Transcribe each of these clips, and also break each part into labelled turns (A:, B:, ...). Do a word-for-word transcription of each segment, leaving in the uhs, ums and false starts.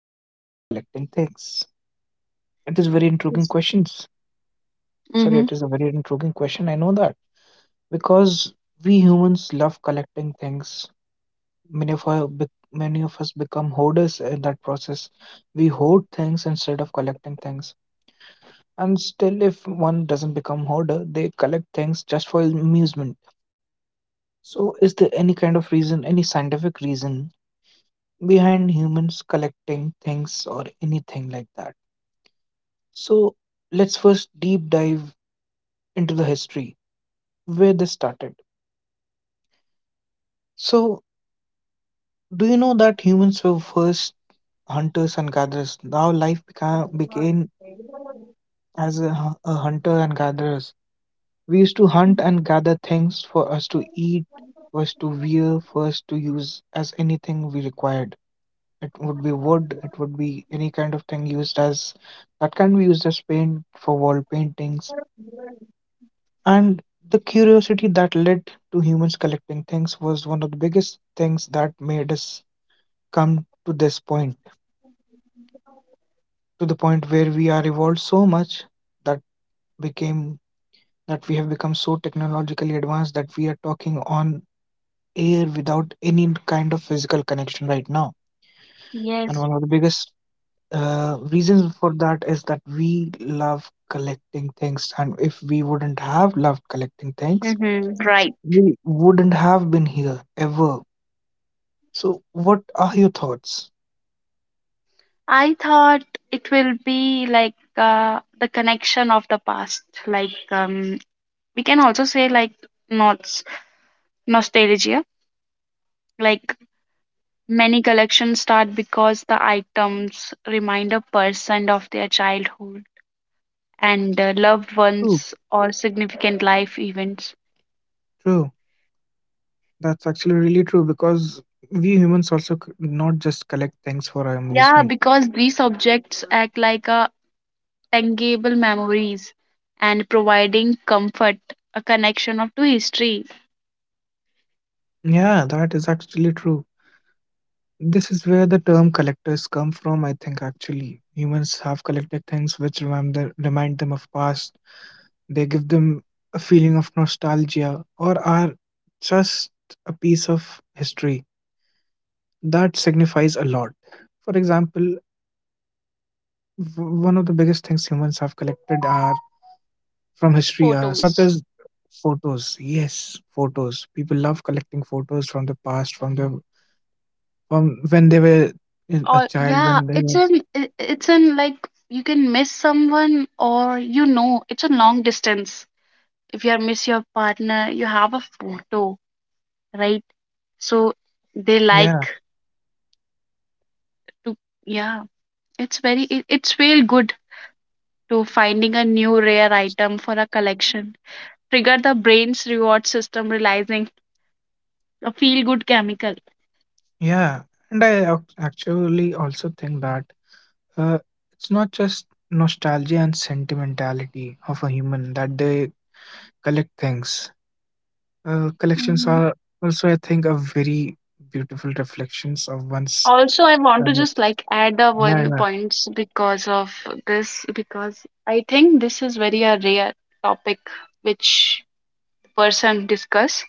A: humans love collecting things? It is very intriguing
B: Yes.
A: questions. Sorry, it is
B: Mm-hmm.
A: a very intriguing question. I know that because we humans love collecting things. Many of, our, bec- many of us become hoarders in that process. We hoard things instead of collecting things. And still, if one doesn't become hoarder, they collect things just for amusement. So, is there any kind of reason, any scientific reason behind humans collecting things or anything like that? So, let's first deep dive into the history where this started. So, do you know that humans were first hunters and gatherers? Now, life beca- became as a, hu- a hunter and gatherers. We used to hunt
B: Mhm.
A: and gather things for us to eat, for us to wear, for us to use as anything we required. It would be wood, it would be any kind of thing used as that can be used as paint for wall paintings. And the curiosity that led to humans collecting things was one of the biggest things that made us come to this point, to the point where we are evolved so much that became that we have become so technologically advanced that we are talking on air without any kind of physical connection right now. And
B: Yes.
A: one of the biggest uh, reasons for that is that we love collecting things. And if we wouldn't have loved collecting things,
B: Mm-hmm. Right.
A: we wouldn't have been here ever. So, what are your thoughts?
B: I thought it will be like uh, the connection of the past. Like um, we can also say like not nostalgia. Like many collections start because the items remind a person of their childhood and uh, loved
A: True,
B: ones or significant life events.
A: true. That's actually really true because we humans also c- not just collect things for our
B: Yeah,
A: amusement.
B: because these objects act like a tangible memories and providing comfort, a connection of to history,
A: Yeah, that is actually true. This is where the term collectors come from, I think, actually. Humans have collected things which remind them, remind them of past. They give them a feeling of nostalgia or are just a piece of history. That signifies a lot. For example, w- one of the biggest things humans have collected are from history are such
B: photos.
A: as photos. Yes, photos. People love collecting photos from the past, from the from when they were uh, a
B: Or
A: child,
B: yeah,
A: when they
B: it's
A: were.
B: an I- it's an like you can miss someone, or you know it's a long distance. If you miss your partner, you have a photo, right? So they
A: Yeah.
B: like to yeah. It's very it, it's feel good to finding a new rare item for a collection. Trigger the brain's reward system realizing a feel good chemical.
A: Yeah, and I ac- actually also think that uh, it's not just nostalgia and sentimentality of a human that they collect things. Uh, collections are also, I think, a very beautiful reflections of one's.
B: Also, I want to
A: Uh,
B: just like add a
A: yeah,
B: one
A: yeah,
B: points because of this, because I think this is very a rare topic which the person discuss,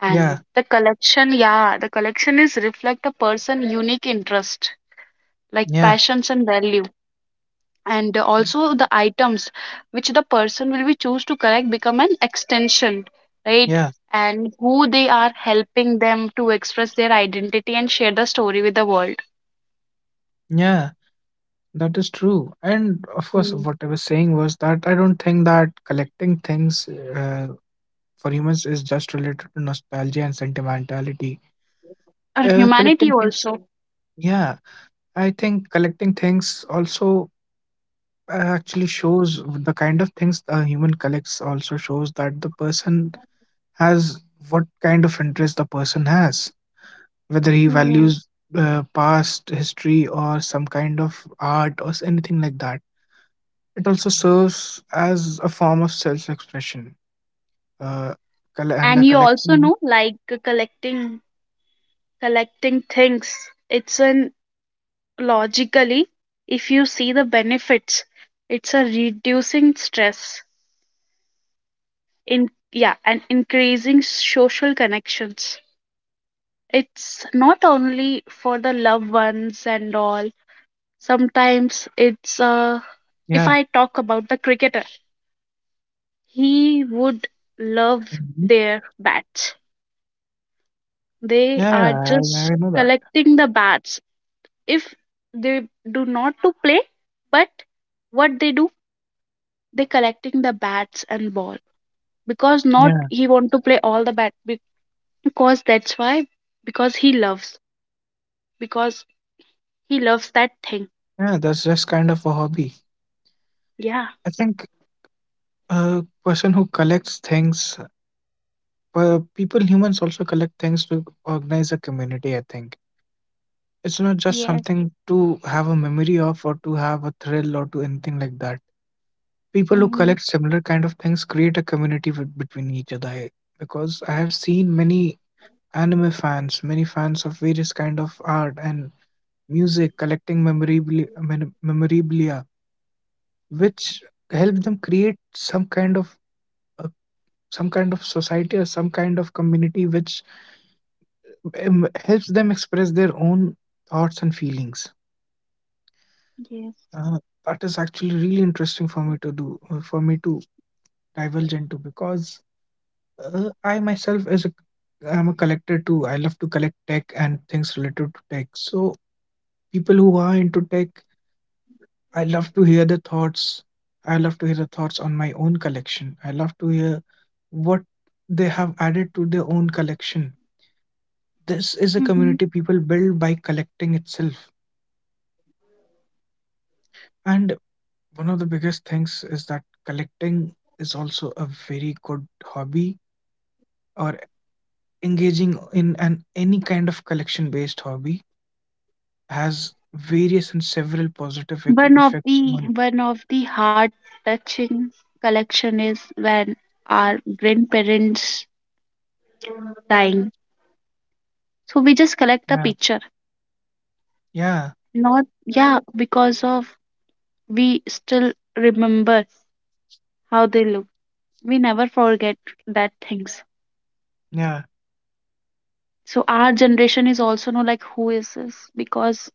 B: and the collection, yeah, the collection is reflect a person unique interest, like
A: yeah,
B: passions and value, and
A: yeah,
B: also the items which the person will be choose to collect become an extension, right,
A: yeah,
B: and who they are, helping them to express their identity and share the story with the world.
A: yeah. That is true. And of course,
B: Hmm.
A: what I was saying was that I don't think that collecting things uh, for humans is just related to nostalgia and sentimentality.
B: Or
A: Uh,
B: humanity
A: collecting things.
B: also.
A: Yeah, I think collecting things also uh, actually shows the kind of things a human collects, also shows that the person has what kind of interest the person has, whether he
B: Hmm.
A: values uh, past history or some kind of art or s- anything like that. It also serves as a form of self expression, uh, coll- and a
B: And you also
A: collection.
B: know like uh, collecting collecting things, it's an logically, if you see the benefits, it's a reducing stress in, yeah, and increasing social connections. It's not only for the loved ones and all, sometimes it's uh if
A: Yeah.
B: I talk about the cricketer, he would love
A: Mhm.
B: their bats. They
A: Yeah,
B: are
A: yeah, I,
B: just
A: I know that.
B: collecting the bats. If they do not to play, but what they do, they collecting the bats and ball, because not
A: Yeah,
B: he want to play all the bat be- because that's why, because he loves, because he loves that thing.
A: yeah, that's just kind of a hobby.
B: Yeah.
A: I think a person who collects things. Well, people, humans also collect things to organize a community, I think. It's not just
B: Yes.
A: something to have a memory of or to have a thrill or to anything like that. People who
B: Mm-hmm.
A: collect similar kind of things create a community with, between each other. I- Because I have seen many anime fans, many fans of various kind of art and music collecting memorabilia, mem- memorabilia which help them create some kind of uh, some kind of society or some kind of community which um, helps them express their own thoughts and feelings.
B: Yes.
A: Uh, that is actually really interesting for me to do, uh, for me to divulge into because uh, I myself is a, I'm a collector too. I love to collect tech and things related to tech. So people who are into tech, I love to hear the thoughts. I love to hear the thoughts on my own collection. I love to hear what they have added to their own collection. This is a
B: Hmm.
A: community people build by collecting itself. And one of the biggest things is that collecting is also a very good hobby, or engaging in an any kind of collection based hobby has various and several positive ec-
B: One of
A: effects
B: the
A: on.
B: one of the heart touching collection is when our grandparents dying. So we just collect a
A: Yeah,
B: picture.
A: yeah,
B: Not, yeah, because of we still remember how they look. We never forget that things.
A: yeah,
B: So our generation is also know like who is this, because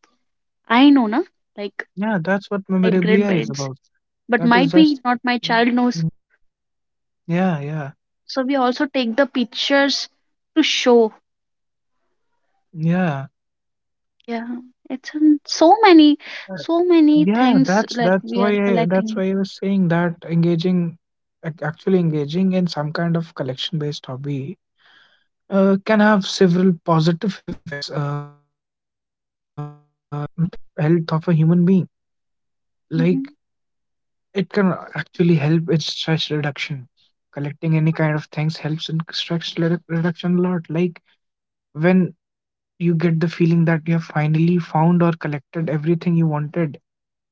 B: I know na, like
A: yeah. That's what
B: my
A: memorabilia is
B: grandparents,
A: about.
B: but
A: That
B: might
A: is
B: be
A: just,
B: not my child
A: must.
B: knows.
A: Yeah, yeah,
B: So we also take the pictures to show.
A: yeah.
B: Yeah, it's in so many,
A: Uh,
B: so many
A: Yeah,
B: things
A: that's
B: like
A: that's
B: we
A: why
B: are
A: I, that's why
B: collecting.
A: I was saying that engaging, ac- actually engaging in some kind of collection-based hobby uh, can have several positive effects uh, on mental health of a human being. Like
B: Hmm.
A: it can actually help in stress reduction. Collecting any kind of things helps in stress redu- reduction a lot. Like when you get the feeling that you have finally found or collected everything you wanted,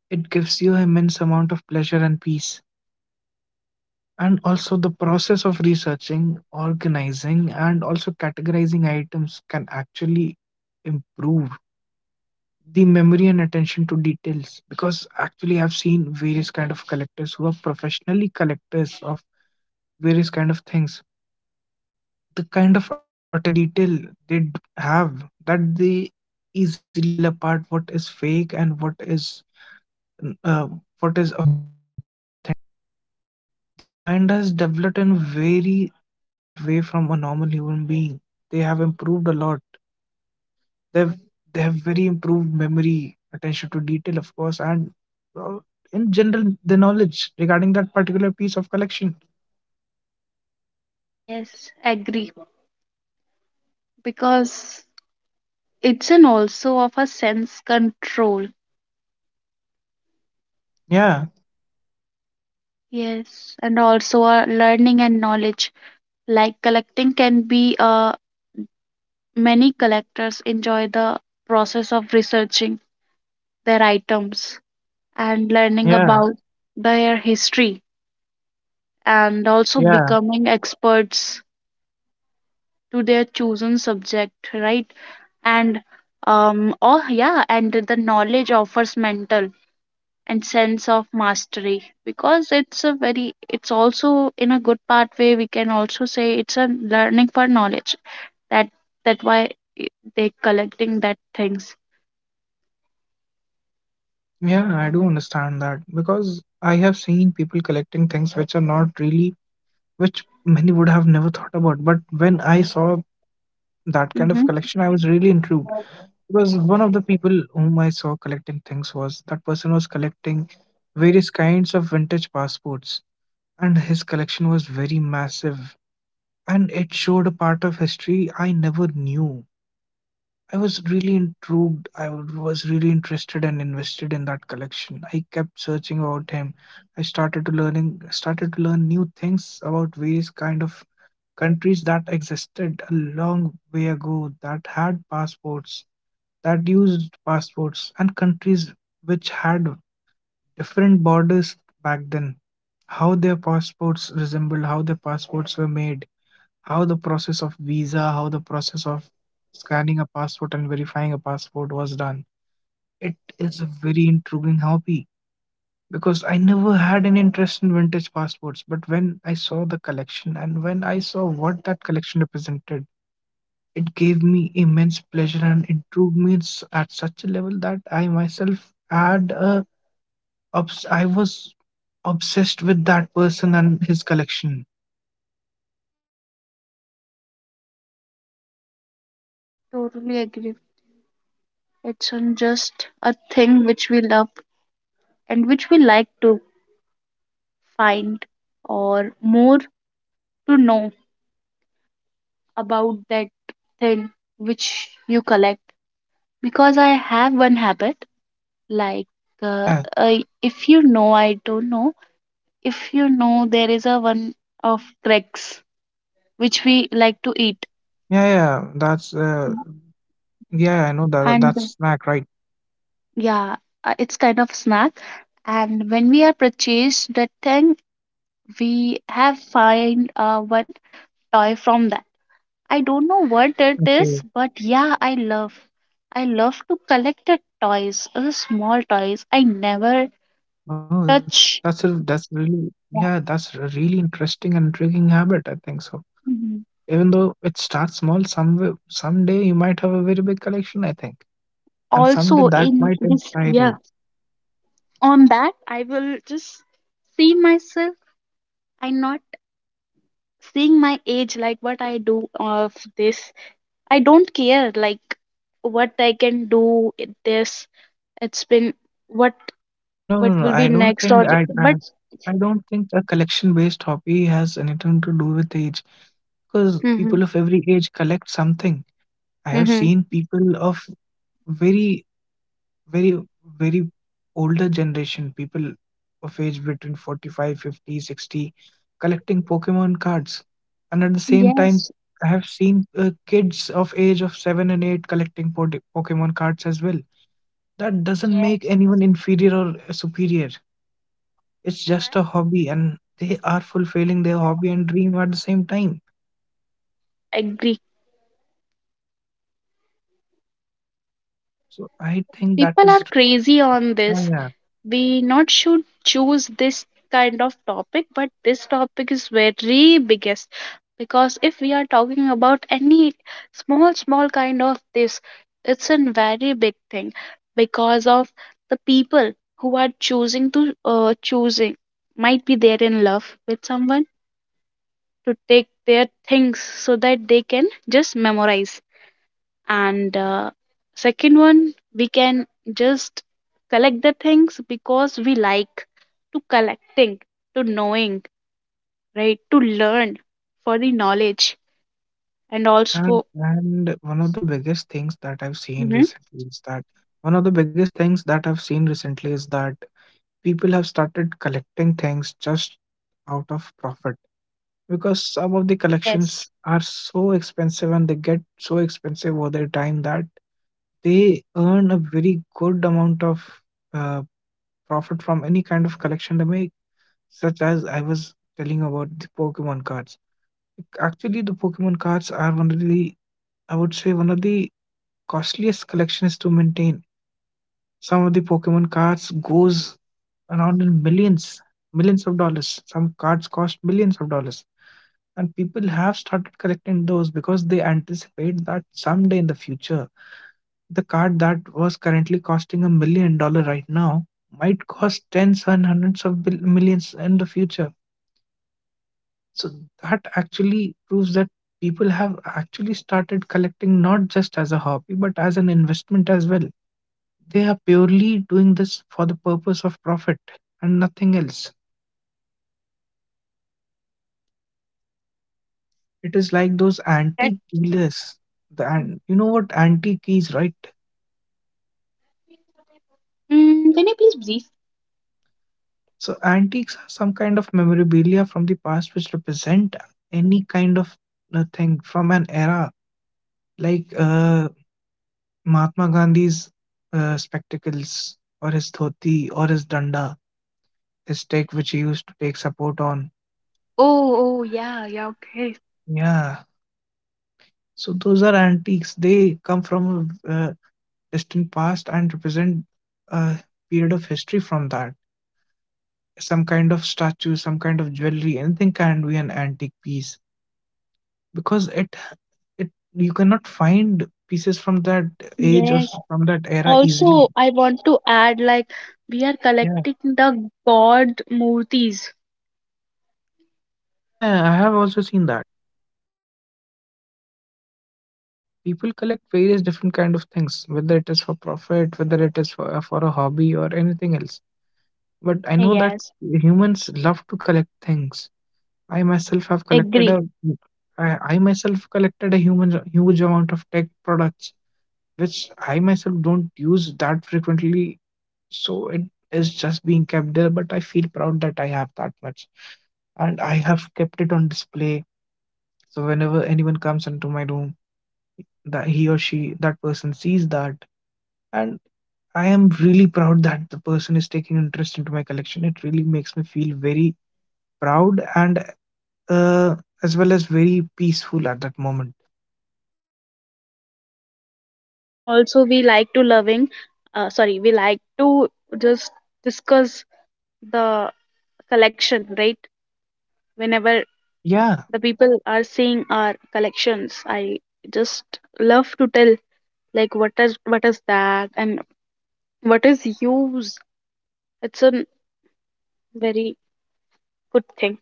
A: it gives you immense amount of pleasure and peace. And also, the process of researching, organizing, and also categorizing items can actually improve the memory and attention to details, because actually I've seen various kind of collectors who are professionally collectors of various kind of things. The kind of attention to detail they d- have, that they easily tell apart what is fake and what is n- uh, what is authentic. Their mind has developed in a very different way from a normal human being. They have improved a lot. They've they have very improved memory, attention to detail of course, and uh, in general the knowledge regarding that particular piece of collection.
B: Yes, agree, because it's an also of a sense control.
A: Yeah,
B: Yes, and also uh, learning and knowledge. Like collecting can be uh, many collectors enjoy the process of researching their items and learning
A: yeah,
B: about their history and also
A: yeah,
B: becoming experts to their chosen subject, right? And um oh yeah, and the knowledge offers mental and sense of mastery, because it's a very it's also in a good part way, we can also say it's a learning for knowledge, that that why they collecting that things.
A: yeah, I do understand that because I have seen people collecting things which are not really, which many would have never thought about, but when I saw that kind of
B: Mm-hmm.
A: collection I was really intrigued, because one of the people whom I saw collecting things was that person was collecting various kinds of vintage passports, and his collection was very massive, and it showed a part of history I never knew. I was really intrigued. I was really interested and invested in that collection. I kept searching about him. I started to learning started to learn new things about various kind of countries that existed a long way ago that had passports, that used passports, and countries which had different borders back then, how their passports resembled, how their passports were made, how the process of visa, how the process of scanning a passport and verifying a passport was done. It is a very intriguing hobby, because I never had an interest in vintage passports. But when I saw the collection and when I saw what that collection represented, it gave me immense pleasure, and it drew me s- at such a level that I myself had a Obs- I was obsessed with that person and his collection.
B: Totally agree. It's on just a thing which we love and which we like to find or more to know about that thing which you collect, because I have one habit, like uh,
A: Yeah,
B: I, if you know, I don't know, if you know there is a one of cracks which we like to eat.
A: yeah, yeah. That's
B: Yeah.
A: uh, Yeah. I know that,
B: And
A: that's snack, right?
B: yeah, uh, it's kind of snack, and when we are purchased that thing, we have find uh, one toy from that, I don't know what it is,
A: Okay.
B: but yeah, I love, I love to collect the toys, uh, the small toys I never
A: Oh, that's a
B: touch.
A: that's really, yeah. That's a
B: Yeah.
A: really interesting and intriguing habit, I think so.
B: Mhm.
A: Even though it starts small, some someday you might have a very big collection, I think, and someday that
B: Also
A: might
B: in
A: inspire
B: this,
A: you.
B: yeah, on that I will just see myself, I not seeing my age like what I do of this, I don't care like what I can do it- this it's been what
A: No, no, no.
B: what
A: I
B: will be
A: don't think
B: next or
A: I,
B: the-
A: I,
B: but
A: I don't think a collection-based hobby has anything to do with age, because people of
B: mm-hmm,
A: every age collect something. I have seen
B: mm-hmm.
A: people of very, very, very older generation, people of age between forty-five, fifty, sixty, collecting Pokemon cards, and at the same time,
B: Yes.
A: I have seen uh, kids of age of seven and eight collecting po- Pokemon cards as well. That doesn't make
B: Yes,
A: anyone inferior or superior. It's just a hobby, and they are fulfilling their hobby and dream at the same time.
B: agree.
A: So I think that
B: People are
A: is.
B: crazy on
A: Yeah,
B: this.
A: yeah.
B: We not should choose this kind of topic, but this topic is very biggest, because if we are talking about any small small kind of this, it's a very big thing, because of the people who are choosing to uh, choosing, might be there in love with someone, to take their things so that they can just memorize, and uh, second one we can just collect the things because we like to collecting, to knowing, right, to learn, for the knowledge, and also
A: And and one of the biggest things that I've seen
B: Mhm.
A: recently is that one of the biggest things that I've seen recently is that people have started collecting things just out of profit, because some of the
B: Yes.
A: collections are so expensive and they get so expensive over their time that they earn a very good amount of uh, profit from any kind of collection they make, such as I was telling about the Pokemon cards. Actually, the Pokemon cards are one of the, I would say, one of the costliest collections to maintain. Some of the Pokemon cards goes around in millions, millions of dollars. Some cards cost millions of dollars, and people have started collecting those because they anticipate that someday in the future, the card that was currently costing a million dollar right now might cost tens and hundreds of bill- millions in the future. So that actually proves that people have actually started collecting not just as a hobby, but as an investment as well. They are purely doing this for the purpose of profit and nothing else. It is like those
B: That
A: antique dealers. The, an- you know what antique is, right?
B: mm, can you please brief.
A: So antiques are some kind of memorabilia from the past which represent any kind of uh, thing from an era, like uh, Mahatma Gandhi's uh, spectacles, or his dhoti, or his danda, his tech which he used to take support on.
B: Oh oh yeah yeah, okay.
A: Yeah. So those are antiques. They come from a uh, distant past and represent a period of history from that. Some kind of statue, some kind of jewelry, anything can be an antique piece, because it it you cannot find pieces from that age or
B: Yes.
A: s- from that era easily.
B: Also, I want to add like we are
A: Yeah.
B: collecting the god murtis.
A: Yeah, yeah, I have also seen that. People collect various different kind of things, whether it is for profit, whether it is for, for a hobby or anything else. But I know that
B: Yes,
A: humans love to collect things. I myself have collected
B: agree.
A: a I, I myself collected a human huge amount of tech products which I myself don't use that frequently. So it is just being kept there, but I feel proud that I have that much. And I have kept it on display. So whenever anyone comes into my room, that he or she, that person sees that. And I am really proud that the person is taking interest into my collection. It really makes me feel very proud and uh, as well as very peaceful at that moment.
B: Or also we like to loving, uh, sorry, we like to just discuss the collection, right, whenever
A: Yeah,
B: the people are seeing our collections, I just love to tell like what is what is that and what is use. It's a very good thing.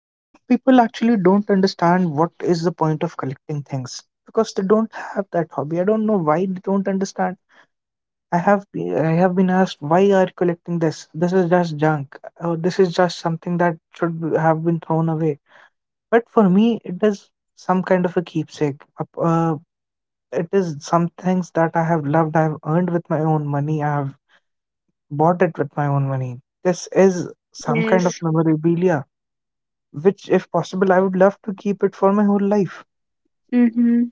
A: yeah, some people actually don't understand what is the point of collecting things because they don't have that hobby. I don't know why they don't understand. I have be- I have been asked, why are you collecting this? This is just junk. Or this is just something that should be- have been thrown away. But for me, it is some kind of a keepsake. Uh, uh, it is some things that I have loved. I have earned with my own money. I have bought it with my own money. This is some kind of
B: Yes.
A: memorabilia, which, if possible, I would love to keep it for my whole life.
B: Mm-hmm.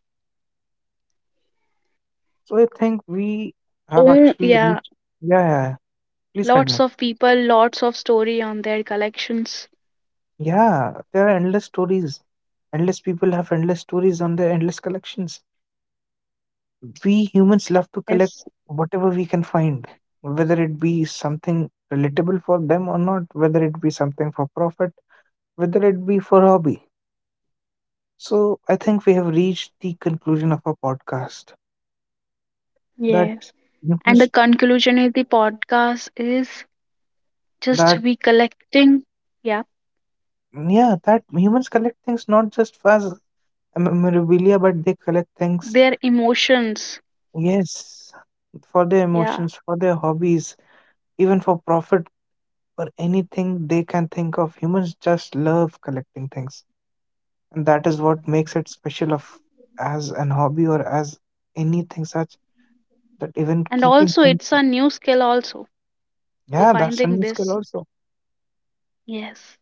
A: So I think we have
B: Oh
A: actually
B: yeah.
A: reached. Yeah, yeah, yeah. Please continue.
B: Lots of people, lots of story on their collections.
A: Yeah, there are endless stories. Endless people have endless stories on their endless collections. We humans love to collect
B: Yes.
A: whatever we can find, whether it be something relatable for them or not, whether it be something for profit, whether it be for hobby. So I think we have reached the conclusion of our podcast. That
B: Yes, and the
A: humans.
B: conclusion of the podcast is just
A: That.
B: recollecting, yeah,
A: Yeah, that humans collect things not just for, as a memorabilia, but they collect things.
B: their emotions,
A: Yes, for their
B: yeah,
A: emotions, for their hobbies, even for profit, or anything they can think of, humans just love collecting things. And that is what makes it special of, as an hobby, or as anything such, that even
B: and
A: keeping
B: also
A: things.
B: it's a new skill also to
A: Yeah, that's a
B: finding
A: new skill
B: this.
A: also.
B: Yes.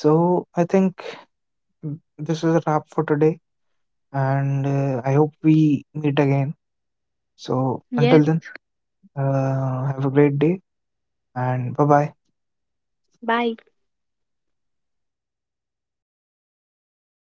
A: So I think, mm, this is a wrap for today, and uh, I hope we meet again. So until
B: Yes.
A: then, uh, have a great day, and bye bye.
B: Bye.